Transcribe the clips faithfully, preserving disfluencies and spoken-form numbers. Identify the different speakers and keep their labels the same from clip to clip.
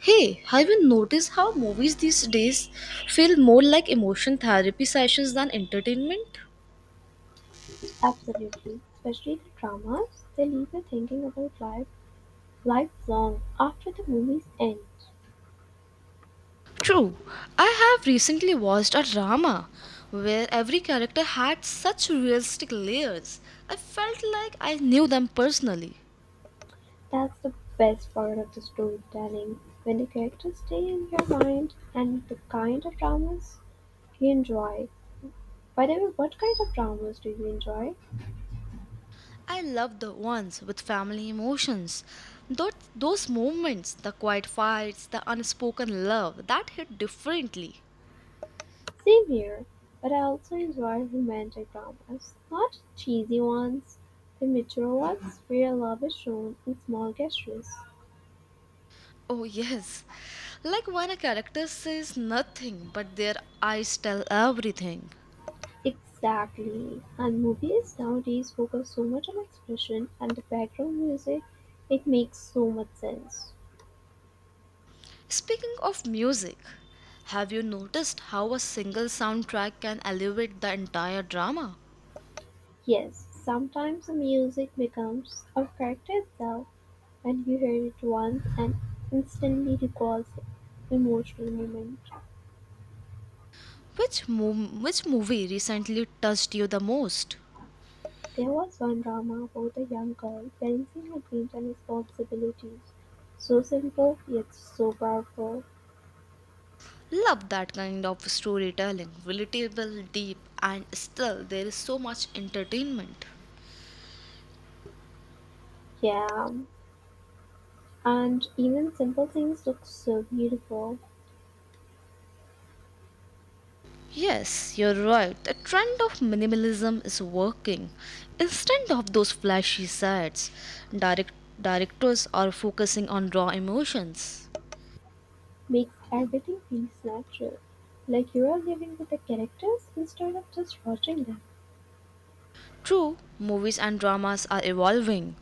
Speaker 1: Hey, have you noticed how movies these days feel more like emotion therapy sessions than entertainment?
Speaker 2: Absolutely. Especially the dramas, they leave you thinking about life lifelong after the movies end.
Speaker 1: True, I have recently watched a drama where every character had such realistic layers. I felt like I knew them personally.
Speaker 2: That's the best part of the storytelling, when the characters stay in your mind and the kind of dramas you enjoy. By the way, what kind of dramas do you enjoy?
Speaker 1: I love the ones with family emotions. Those, those moments, the quiet fights, the unspoken love, that hit differently.
Speaker 2: Same here, but I also enjoy romantic dramas, not cheesy ones, the mature ones where love is shown in small gestures.
Speaker 1: Oh, yes. Like when a character says nothing but their eyes tell everything.
Speaker 2: Exactly, and movies nowadays focus so much on expression and the background music, it makes so much sense.
Speaker 1: Speaking of music, have you noticed how a single soundtrack can elevate the entire drama?
Speaker 2: Yes, sometimes the music becomes a character itself, and you hear it once and instantly recalls emotional moment.
Speaker 1: Which, mov- which movie recently touched you the most?
Speaker 2: There was one drama about a young girl balancing her dreams and responsibilities. So simple yet so powerful.
Speaker 1: Love that kind of storytelling, relatable, deep, and still there is so much entertainment.
Speaker 2: Yeah, and even simple things look so beautiful.
Speaker 1: Yes, you're right. The trend of minimalism is working. Instead of those flashy sets, direct- directors are focusing on raw emotions.
Speaker 2: Makes everything feels natural. Like you are living with the characters instead of just watching them.
Speaker 1: True, movies and dramas are evolving,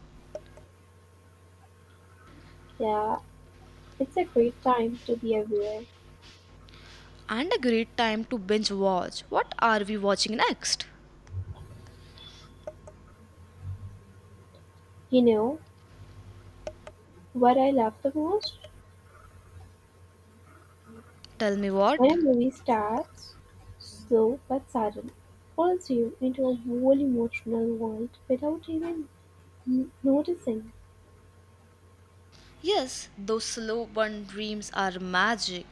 Speaker 2: Yeah, it's a great time to be aware.
Speaker 1: and a great time to binge watch. What are we watching next?
Speaker 2: You know what I love the most?
Speaker 1: Tell me
Speaker 2: When
Speaker 1: what?
Speaker 2: a movie starts slow but sudden, pulls you into a whole emotional world without even n- noticing.
Speaker 1: Yes, those slow burn dreams are magic.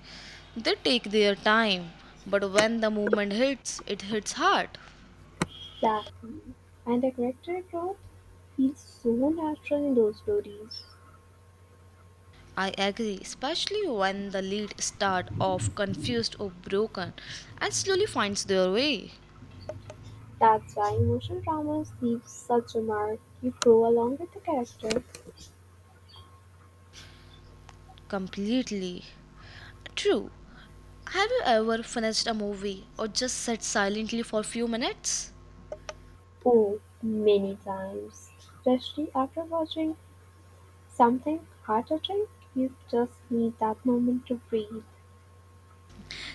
Speaker 1: They take their time, but when the moment hits, it hits hard.
Speaker 2: Exactly. And the character growth feels so natural in those stories.
Speaker 1: I agree, especially when the lead start off confused or broken and slowly finds their way.
Speaker 2: That's why emotional dramas leave such a mark. You grow along with the character.
Speaker 1: Completely. True. Have you ever finished a movie or just sat silently for a few minutes?
Speaker 2: Oh, many times, especially after watching something heart-touching, you just need that moment to breathe.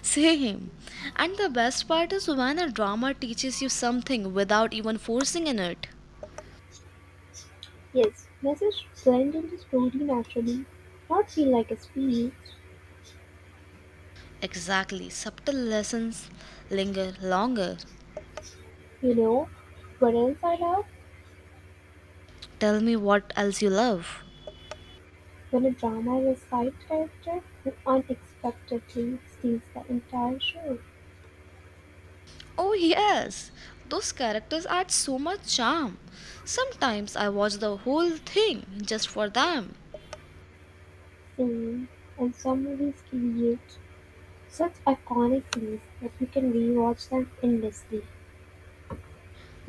Speaker 1: Same. And the best part is when a drama teaches you something without even forcing in it.
Speaker 2: Yes, message blend into the story naturally, not feel like a speech.
Speaker 1: Exactly. Subtle lessons linger longer.
Speaker 2: You know, what else I love?
Speaker 1: Tell me what else you love.
Speaker 2: When a drama is a side character who unexpectedly steals the entire show,
Speaker 1: Oh, yes, those characters add so much charm. Sometimes I watch the whole thing just for them.
Speaker 2: scene, and some movies create such iconic scenes that you can rewatch them endlessly.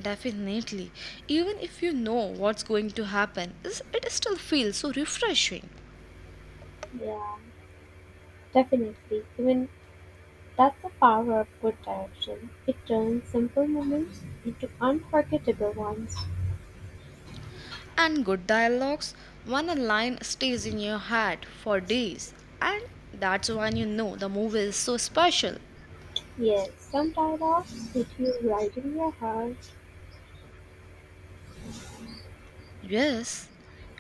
Speaker 1: Definitely, even if you know what's going to happen, is- it still feels so refreshing.
Speaker 2: Yeah, definitely. Even that's the power of good direction, it turns simple moments into unforgettable ones.
Speaker 1: And good dialogues, when a line stays in your head for days, and that's when you know the movie is so special.
Speaker 2: Yes, some dialogues hit you right in your heart,
Speaker 1: Yes.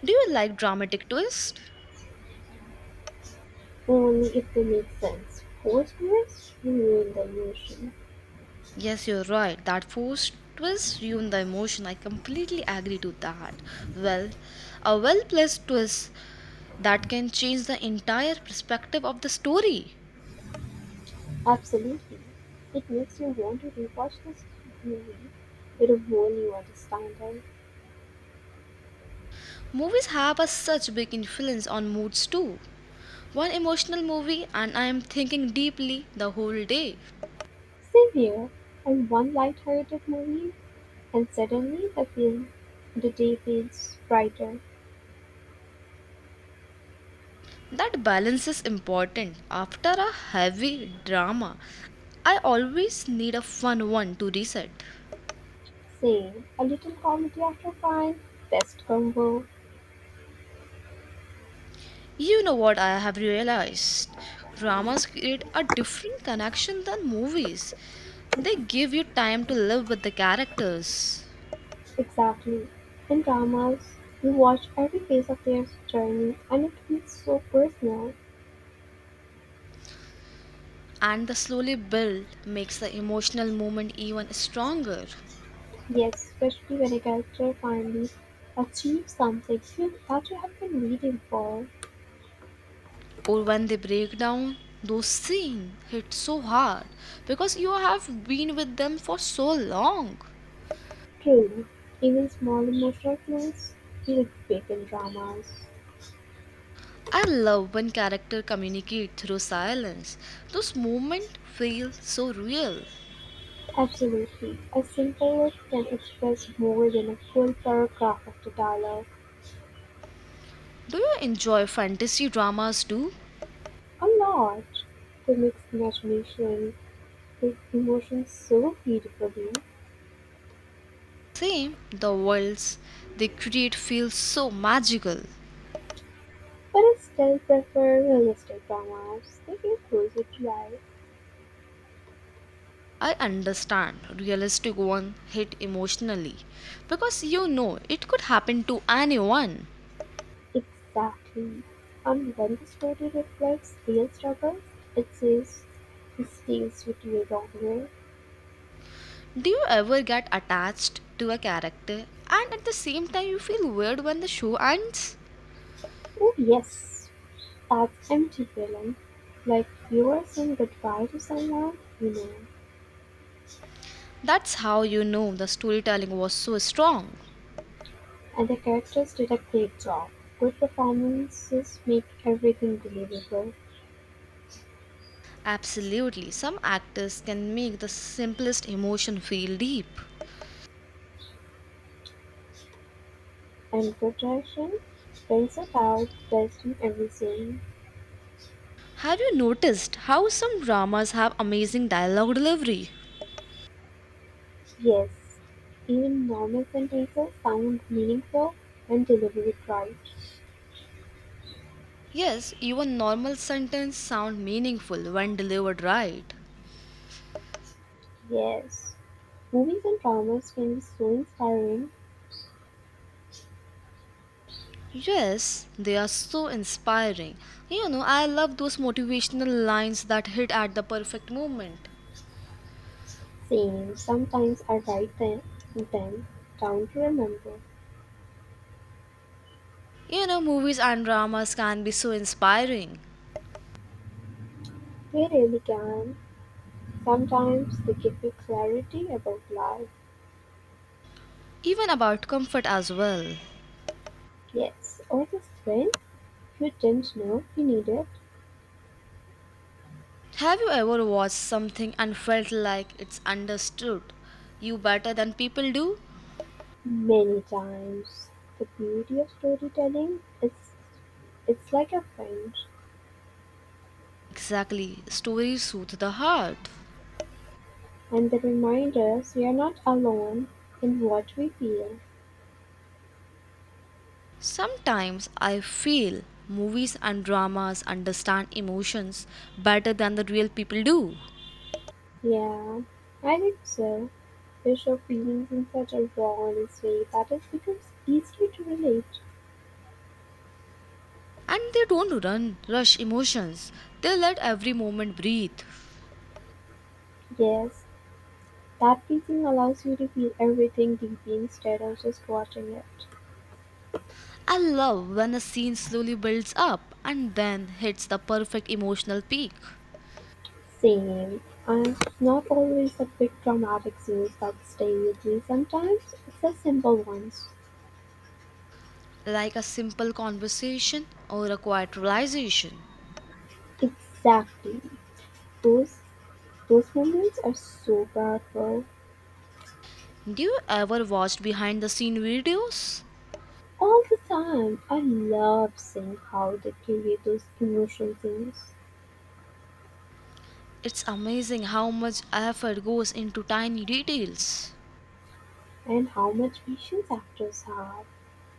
Speaker 1: Do you like dramatic twists?
Speaker 2: only if they make sense. Forced ones, you ruin the emotion.
Speaker 1: Yes, you're right. That forced twist ruined the emotion. I completely agree to that. Well, a well placed twist that can change the entire perspective of the story.
Speaker 2: Absolutely. It makes you want to rewatch this movie with a whole new understanding.
Speaker 1: Movies have a such big influence on moods too. One emotional movie and I am thinking deeply the whole day.
Speaker 2: Same here, and one light-hearted movie, and suddenly the, feel, the day feels brighter.
Speaker 1: That balance is important. After a heavy drama, I always need a fun one to reset.
Speaker 2: Saying "a little comedy after fine, best combo"
Speaker 1: You know what I have realized? Dramas create a different connection than movies. They give you time to live with the characters,
Speaker 2: exactly. In dramas, you watch every phase of their journey and it feels so personal.
Speaker 1: and the slowly build makes the emotional moment even stronger.
Speaker 2: Yes, especially when a character finally achieves something you- that you have been waiting for.
Speaker 1: Or when they break down, those scenes hit so hard because you have been with them for so long.
Speaker 2: True, even small emotional clues feel big in dramas.
Speaker 1: I love when characters communicate through silence. Those moments feel so real.
Speaker 2: Absolutely, a simple word can express more than a full paragraph of the dialogue.
Speaker 1: Do you enjoy fantasy dramas too?
Speaker 2: A lot to mix imagination, with emotions so beautifully,
Speaker 1: Same, the worlds they create feel so magical.
Speaker 2: but I still prefer realistic dramas. They feel closer to life.
Speaker 1: I understand realistic one hit emotionally because you know it could happen to anyone.
Speaker 2: Exactly. And when the story reflects real struggles, it says it stays with you longer.
Speaker 1: Do you ever get attached to a character and at the same time you feel weird when the show ends?
Speaker 2: Oh yes, that empty feeling. Like you are saying goodbye to someone, you know.
Speaker 1: That's how you know the storytelling was so strong.
Speaker 2: And the characters did a great job. Good performances make everything believable.
Speaker 1: Absolutely, some actors can make the simplest emotion feel deep.
Speaker 2: And projection brings it out best in everything,
Speaker 1: Have you noticed how some dramas have amazing dialogue delivery?
Speaker 2: yes, even normal sentences sound meaningful when delivered right.
Speaker 1: Yes, even normal sentences sound meaningful when delivered right.
Speaker 2: Yes. Movies and dramas can be so inspiring,
Speaker 1: Yes, they are so inspiring. You know, I love those motivational lines that hit at the perfect moment.
Speaker 2: saying sometimes I write them, them down to remember.
Speaker 1: You know, movies and dramas can be so inspiring,
Speaker 2: They really can. Sometimes they give you clarity about life.
Speaker 1: even about comfort as well.
Speaker 2: Yes, or the strength you didn't know you needed.
Speaker 1: Have you ever watched something and felt like it's understood you better than people do?
Speaker 2: Many times, the beauty of storytelling is it's like a friend
Speaker 1: Exactly, stories soothe the heart.
Speaker 2: and they remind us we are not alone in what we feel.
Speaker 1: Sometimes I feel movies and dramas understand emotions better than the real people do.
Speaker 2: Yeah, I think so. They show feelings in such a raw, honest way that it becomes easier to relate.
Speaker 1: And they don't run, rush emotions, they let every moment breathe.
Speaker 2: Yes, that painting allows you to feel everything deeply instead of just watching it.
Speaker 1: I love when a scene slowly builds up and then hits the perfect emotional peak,
Speaker 2: Same. And not always the big dramatic scenes that stay with you. Sometimes it's the simple ones.
Speaker 1: like a simple conversation or a quiet realization.
Speaker 2: Exactly. Those those moments are so powerful
Speaker 1: Do you ever watch behind the scene videos?
Speaker 2: all the time. I love seeing how they create those emotional things
Speaker 1: It's amazing how much effort goes into tiny details.
Speaker 2: and how much patience actors have.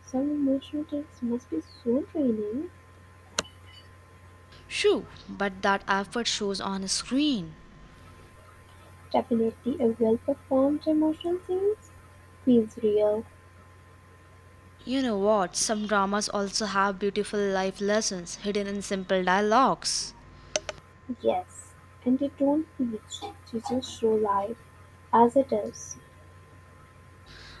Speaker 2: Some emotional takes must be so draining.
Speaker 1: Shoo, but that effort shows on a screen.
Speaker 2: Definitely a well performed emotional scenes feels real.
Speaker 1: You know what? Some dramas also have beautiful life lessons hidden in simple dialogues.
Speaker 2: Yes. And they don't preach, they just show life as it is.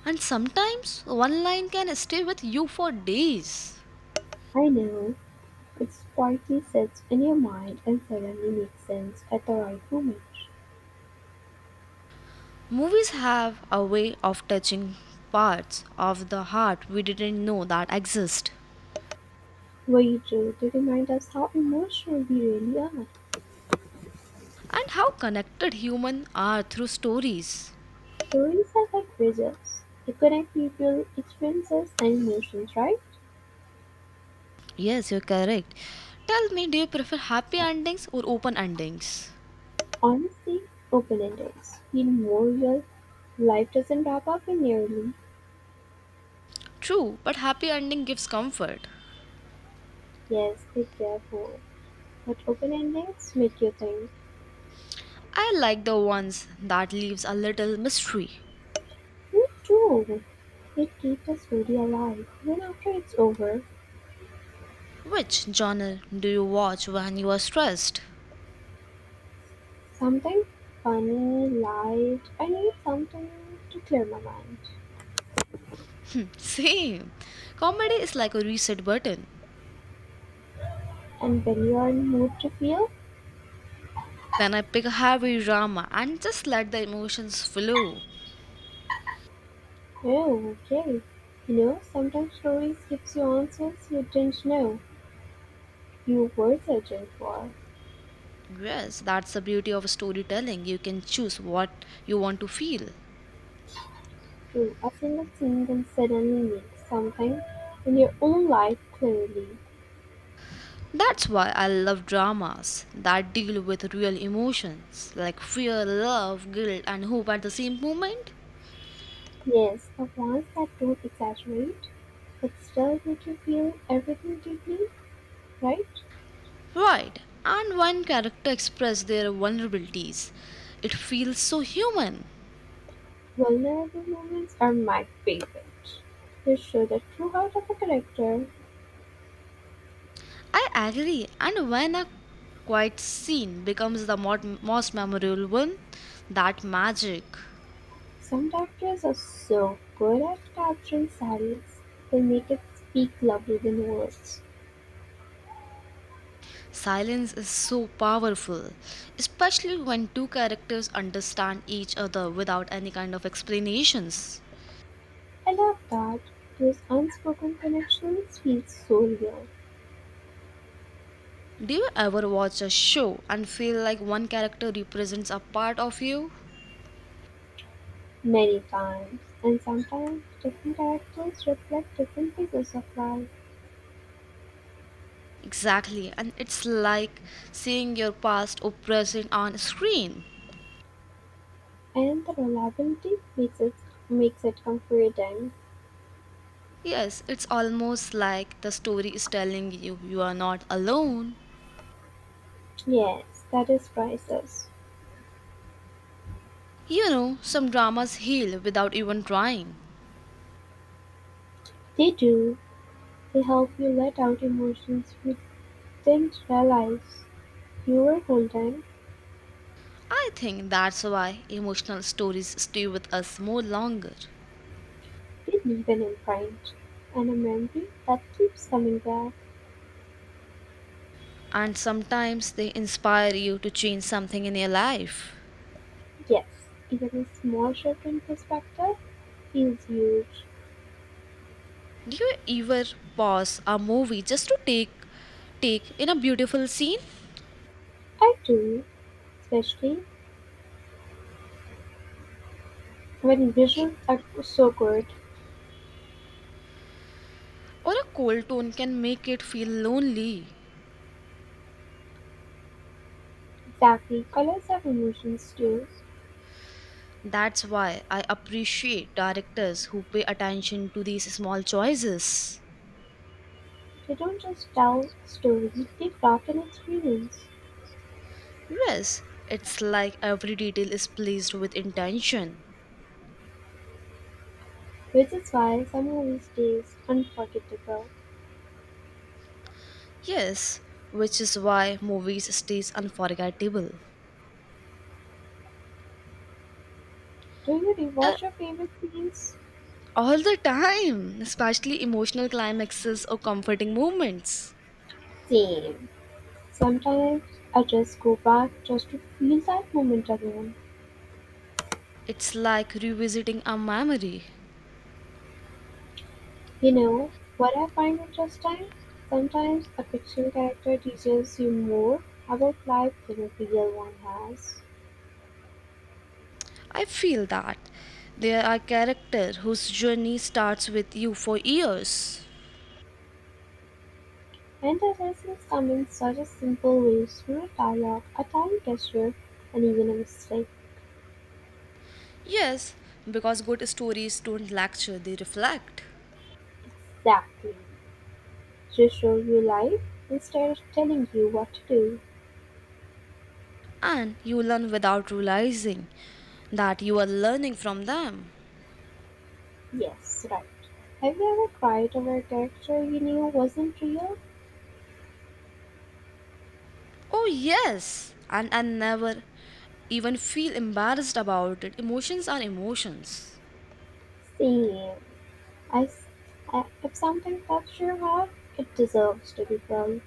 Speaker 1: And sometimes one line can stay with you for days.
Speaker 2: I know it quietly sits in your mind and suddenly makes sense at the right moment.
Speaker 1: Movies have a way of touching parts of the heart we didn't know that exist.
Speaker 2: Vigil to remind us how emotional we really are.
Speaker 1: And how connected humans are through stories.
Speaker 2: Stories are like bridges. They connect people, experiences, and emotions, right?
Speaker 1: Yes, you're correct. Tell me, do you prefer happy endings or open endings?
Speaker 2: Honestly, open endings. Feel more real. Life doesn't wrap up in nearly.
Speaker 1: True, but happy ending gives comfort.
Speaker 2: Yes, they care for. But open endings make you think.
Speaker 1: I like the ones that leaves a little mystery.
Speaker 2: Me too. It keeps the story alive even after it's over.
Speaker 1: Which genre do you watch when you are stressed?
Speaker 2: Something funny, light, I need something to clear my mind.
Speaker 1: Hmm, same. Comedy is like a reset button.
Speaker 2: And when you are in mood to feel,
Speaker 1: Then I pick a heavy drama and just let the emotions flow.
Speaker 2: oh, okay. You know, sometimes stories gives you answers you didn't know you were searching for.
Speaker 1: Yes, that's the beauty of storytelling. You can choose what you want to feel.
Speaker 2: Through a single thing can suddenly mean something in your own life clearly.
Speaker 1: That's why I love dramas that deal with real emotions like fear, love, guilt, and hope at the same moment.
Speaker 2: Yes, the ones that don't exaggerate, but still make you feel everything deeply, right?
Speaker 1: Right, and when character express their vulnerabilities, it feels so human.
Speaker 2: Vulnerable moments are my favorite. They show the true heart of a character.
Speaker 1: I agree, and when a quiet scene becomes the mo- most memorable one, that magic.
Speaker 2: Some directors are so good at capturing silence, they make it speak louder than words.
Speaker 1: Silence is so powerful, especially when two characters understand each other without any kind of explanations.
Speaker 2: I love that. Those unspoken connections feel so real,
Speaker 1: Do you ever watch a show and feel like one character represents a part of you?
Speaker 2: many times, and sometimes different directors reflect different phases of life,
Speaker 1: Exactly, and it's like seeing your past or present on screen.
Speaker 2: and the reliability makes it makes it comforting.
Speaker 1: Yes, it's almost like the story is telling you you are not alone.
Speaker 2: Yes, that is priceless.
Speaker 1: You know, some dramas heal without even trying.
Speaker 2: They do. They help you let out emotions you didn't realize you were holding.
Speaker 1: I think that's why emotional stories stay with us more longer.
Speaker 2: They leave an imprint, and a memory that keeps coming back.
Speaker 1: And sometimes they inspire you to change something in your life.
Speaker 2: Yes, even a small shift in perspective feels huge.
Speaker 1: Do you ever pause a movie just to take take in a beautiful scene?
Speaker 2: I do, especially when visuals are so good.
Speaker 1: Or a cold tone can make it feel lonely.
Speaker 2: Exactly, colors have emotions too.
Speaker 1: That's why I appreciate directors who pay attention to these small choices.
Speaker 2: They don't just tell a story, they craft an experience.
Speaker 1: Yes, it's like every detail is placed with intention.
Speaker 2: Which is why some movies stays unforgettable.
Speaker 1: Yes, which is why movies stays unforgettable.
Speaker 2: Do you
Speaker 1: Uh,
Speaker 2: rewatch your favorite scenes?
Speaker 1: all the time, especially emotional climaxes or comforting moments.
Speaker 2: Same. Sometimes I just go back just to feel that moment again.
Speaker 1: It's like revisiting a memory.
Speaker 2: You know what I find interesting? Sometimes a fiction character teaches you more about life than a real one has.
Speaker 1: I feel that there are characters whose journey starts with you for years.
Speaker 2: And the lessons come in such a simple ways through a dialogue, a tiny gesture, and even a mistake.
Speaker 1: Yes, because good stories don't lecture, they reflect.
Speaker 2: Exactly. To show you life instead of telling you what to do.
Speaker 1: And you learn without realizing that you are learning from them.
Speaker 2: Yes, right. Have you ever cried over a character you knew wasn't real?
Speaker 1: Oh, yes, and I never even feel embarrassed about it. Emotions are emotions.
Speaker 2: Same. I, I, If something touches your heart, it deserves to be felt.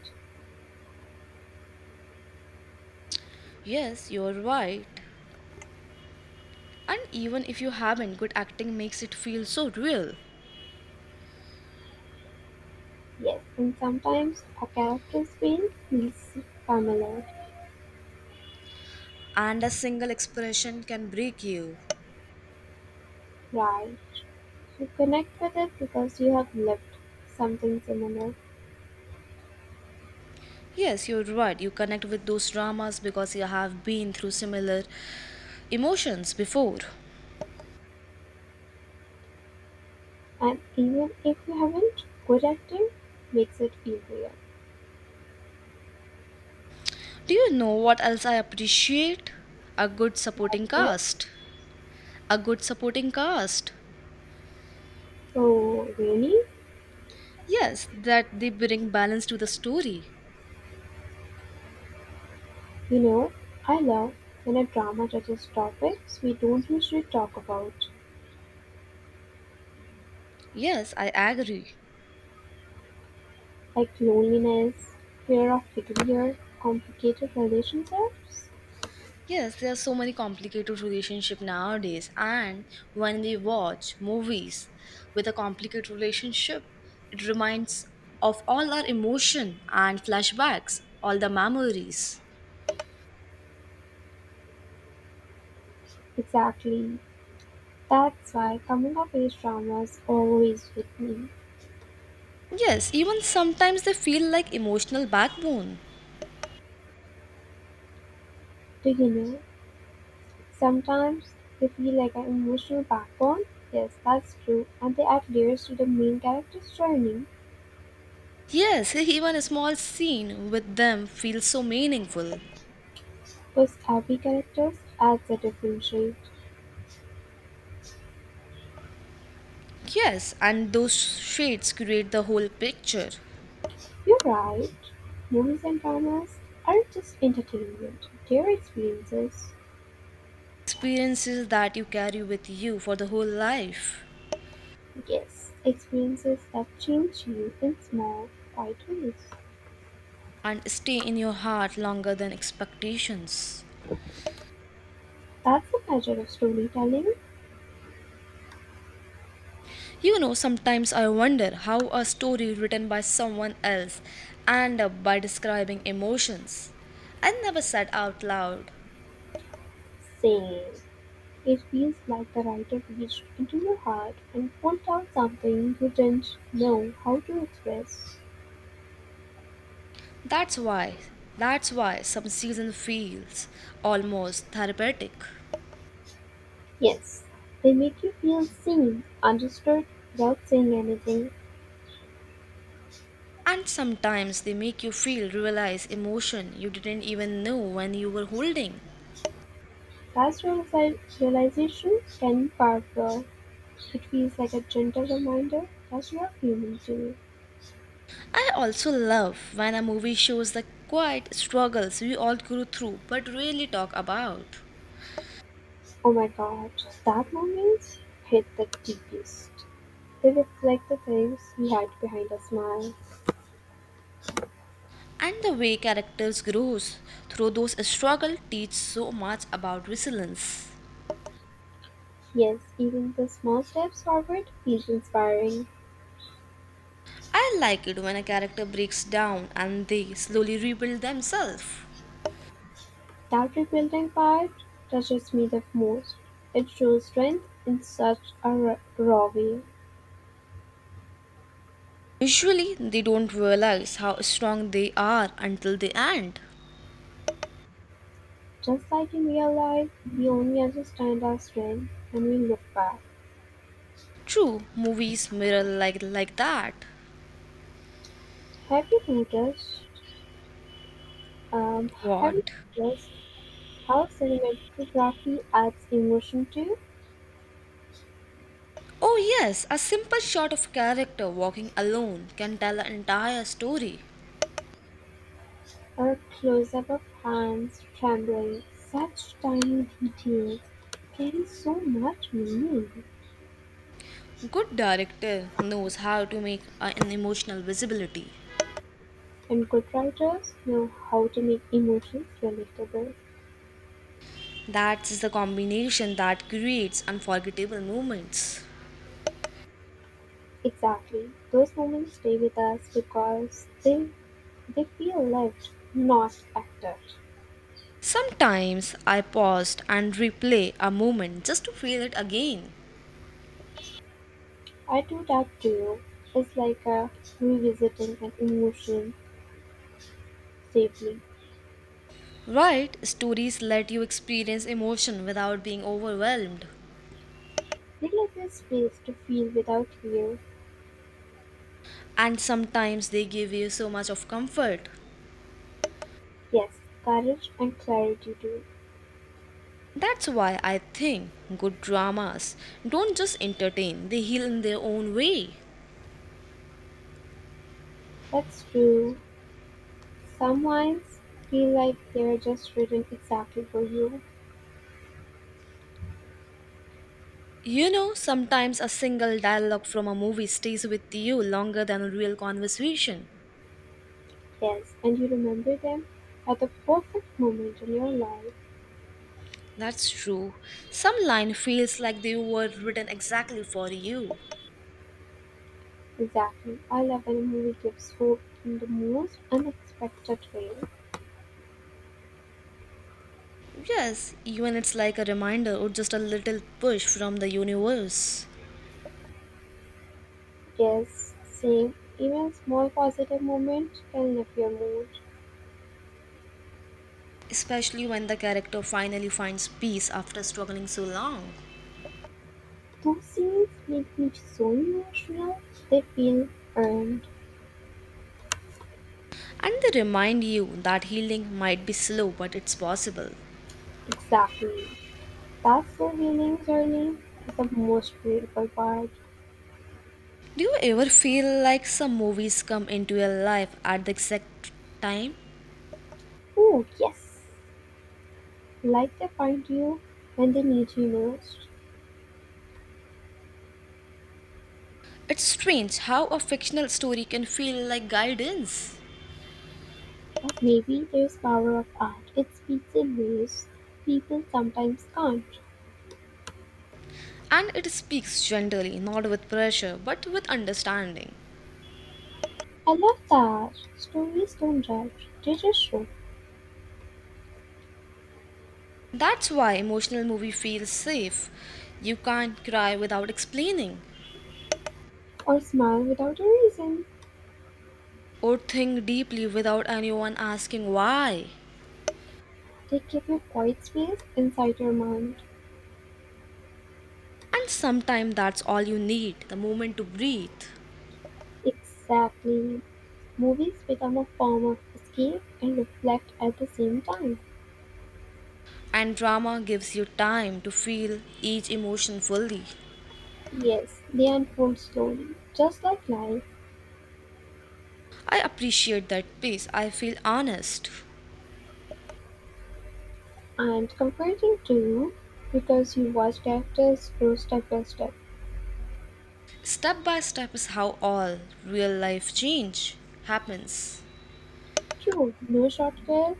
Speaker 1: Yes, you're right. And even if you haven't, good acting makes it feel so real.
Speaker 2: Yes, and sometimes a character's pain feels familiar.
Speaker 1: And a single expression can break you.
Speaker 2: Right. You connect with it because you have lived something similar.
Speaker 1: Yes, you're right. You connect with those dramas because you have been through similar emotions before.
Speaker 2: And even if you haven't, good acting makes it easier.
Speaker 1: Do you know what else I appreciate? A good
Speaker 2: Like
Speaker 1: supporting
Speaker 2: it does.
Speaker 1: cast. A good supporting cast.
Speaker 2: Oh, really?
Speaker 1: Yes, that they bring balance to the story.
Speaker 2: You know, I love when a drama touches topics we don't usually talk about,
Speaker 1: Yes, I agree.
Speaker 2: like loneliness, fear of failure, complicated relationships?
Speaker 1: Yes, there are so many complicated relationships nowadays, and when we watch movies with a complicated relationship, it reminds of all our emotion and flashbacks, all the memories.
Speaker 2: Exactly. That's why coming of age dramas always hit me.
Speaker 1: Yes, even sometimes they feel like emotional backbone.
Speaker 2: Do you know? Sometimes they feel like an emotional backbone. Yes, that's true. And they add layers to the main character's journey.
Speaker 1: Yes, even a small scene with them feels so meaningful.
Speaker 2: Because every character adds a different shade.
Speaker 1: Yes, and those shades create the whole picture.
Speaker 2: You're right. Movies and dramas aren't just entertainment, they're experiences.
Speaker 1: Experiences that you carry with you for the whole life
Speaker 2: Yes, experiences that change you in small, quiet ways.
Speaker 1: and stay in your heart longer than expectations.
Speaker 2: That's the pleasure of storytelling.
Speaker 1: You know, sometimes I wonder how a story written by someone else and by describing emotions I never said out loud.
Speaker 2: Same. It feels like the writer reached into your heart and pulled out something you didn't know how to express.
Speaker 1: That's why, that's why some season feels almost therapeutic.
Speaker 2: Yes, they make you feel seen, understood, without saying anything.
Speaker 1: And sometimes they make you feel realize emotion you didn't even know when you were holding.
Speaker 2: That reali- realization can be powerful. It feels like a gentle reminder that you are human too.
Speaker 1: I also love when a movie shows the quiet struggles we all go through but rarely talk about.
Speaker 2: Oh my god, that moment hit the deepest. They reflect the things we had behind a smile.
Speaker 1: And the way characters grows through those struggles teach so much about resilience.
Speaker 2: Yes, even the small steps forward feels inspiring.
Speaker 1: I like it when a character breaks down and they slowly rebuild themselves.
Speaker 2: That rebuilding part touches me the most. It shows strength in such a r- raw way.
Speaker 1: Usually, they don't realize how strong they are until the end.
Speaker 2: Just like in real life, we only understand our strength when we look back.
Speaker 1: True, movies mirror like like that.
Speaker 2: Have you noticed? Um, have
Speaker 1: What?
Speaker 2: you noticed how cinematography adds emotion to?
Speaker 1: Oh yes, a simple shot of character walking alone can tell an entire story.
Speaker 2: Or close-up of hands trembling, such tiny details carry so much meaning,
Speaker 1: Good director knows how to make a- an emotional visibility.
Speaker 2: and good writers know how to make emotions relatable.
Speaker 1: That's the combination that creates unforgettable moments.
Speaker 2: Exactly, those moments stay with us because they they feel lived, not acted.
Speaker 1: Sometimes I paused and replay a moment just to feel it again.
Speaker 2: I do that too. It's like a revisiting an emotion safely.
Speaker 1: Right, stories let you experience emotion without being overwhelmed,
Speaker 2: They let us space to feel without fear.
Speaker 1: and sometimes they give you so much of comfort.
Speaker 2: Yes, courage and clarity too.
Speaker 1: That's why I think good dramas don't just entertain, they heal in their own way.
Speaker 2: That's true. Some wines feel like they're just written exactly for you.
Speaker 1: You know, sometimes a single dialogue from a movie stays with you longer than a real conversation.
Speaker 2: Yes, and you remember them at the perfect moment in your life.
Speaker 1: That's true. Some line feels like they were written exactly for you.
Speaker 2: Exactly. I love when a movie gives hope in the most unexpected way.
Speaker 1: Yes, even it's like a reminder or just a little push from the universe.
Speaker 2: Yes, same. Even a small positive moment can lift your mood.
Speaker 1: Especially when the character finally finds peace after struggling so long.
Speaker 2: Those scenes make me so emotional. They feel earned.
Speaker 1: And they remind you that healing might be slow, but it's possible.
Speaker 2: Exactly. That's the healing journey is the most beautiful part.
Speaker 1: Do you ever feel like some movies come into your life at the exact time?
Speaker 2: Oh, yes. Like they find you when they need you most.
Speaker 1: It's strange how a fictional story can feel like guidance.
Speaker 2: But maybe there's power of art. It speaks in ways people sometimes can't.
Speaker 1: And it speaks gently, not with pressure, but with understanding.
Speaker 2: I love that. Stories don't judge, they just show.
Speaker 1: That's why emotional movie feels safe. You can't cry without explaining.
Speaker 2: Or smile without a reason.
Speaker 1: Or think deeply without anyone asking why.
Speaker 2: They give you quiet space inside your mind.
Speaker 1: And sometimes that's all you need the moment to breathe.
Speaker 2: Exactly. Movies become a form of escape and reflect at the same time.
Speaker 1: And drama gives you time to feel each emotion fully.
Speaker 2: Yes, they unfold slowly, just like life.
Speaker 1: I appreciate that peace. I feel honest.
Speaker 2: And am comforting to because you watched actors grow step by step.
Speaker 1: Step by step is how all real life change happens.
Speaker 2: True, no shortcuts,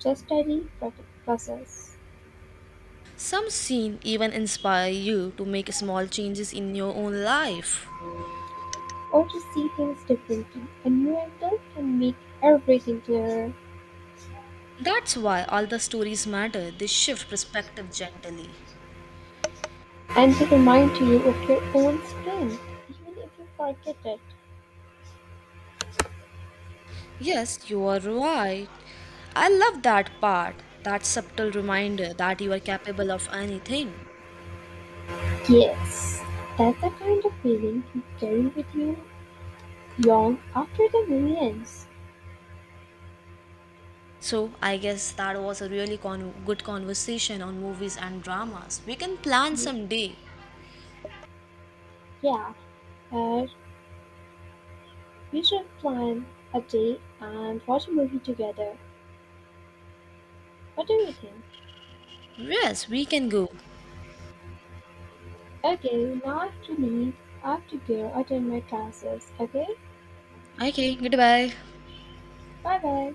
Speaker 2: just steady pro- process.
Speaker 1: Some scene even inspire you to make small changes in your own life.
Speaker 2: Or to see things differently. A new angle can make everything clearer
Speaker 1: That's why all the stories matter. They shift perspective gently.
Speaker 2: and to remind you of your own strength, even if you forget it.
Speaker 1: Yes, you are right. I love that part, that subtle reminder that you are capable of anything.
Speaker 2: Yes, that's the kind of feeling you carry with you long after the millions.
Speaker 1: So, I guess that was a really con- good conversation on movies and dramas. We can plan
Speaker 2: Ye-
Speaker 1: some day.
Speaker 2: Yeah, uh, we should plan a day and watch a movie together. What do you think?
Speaker 1: Yes, we can go.
Speaker 2: Okay, now I have to leave. I have to go attend my classes. Okay?
Speaker 1: Okay, goodbye.
Speaker 2: Bye bye.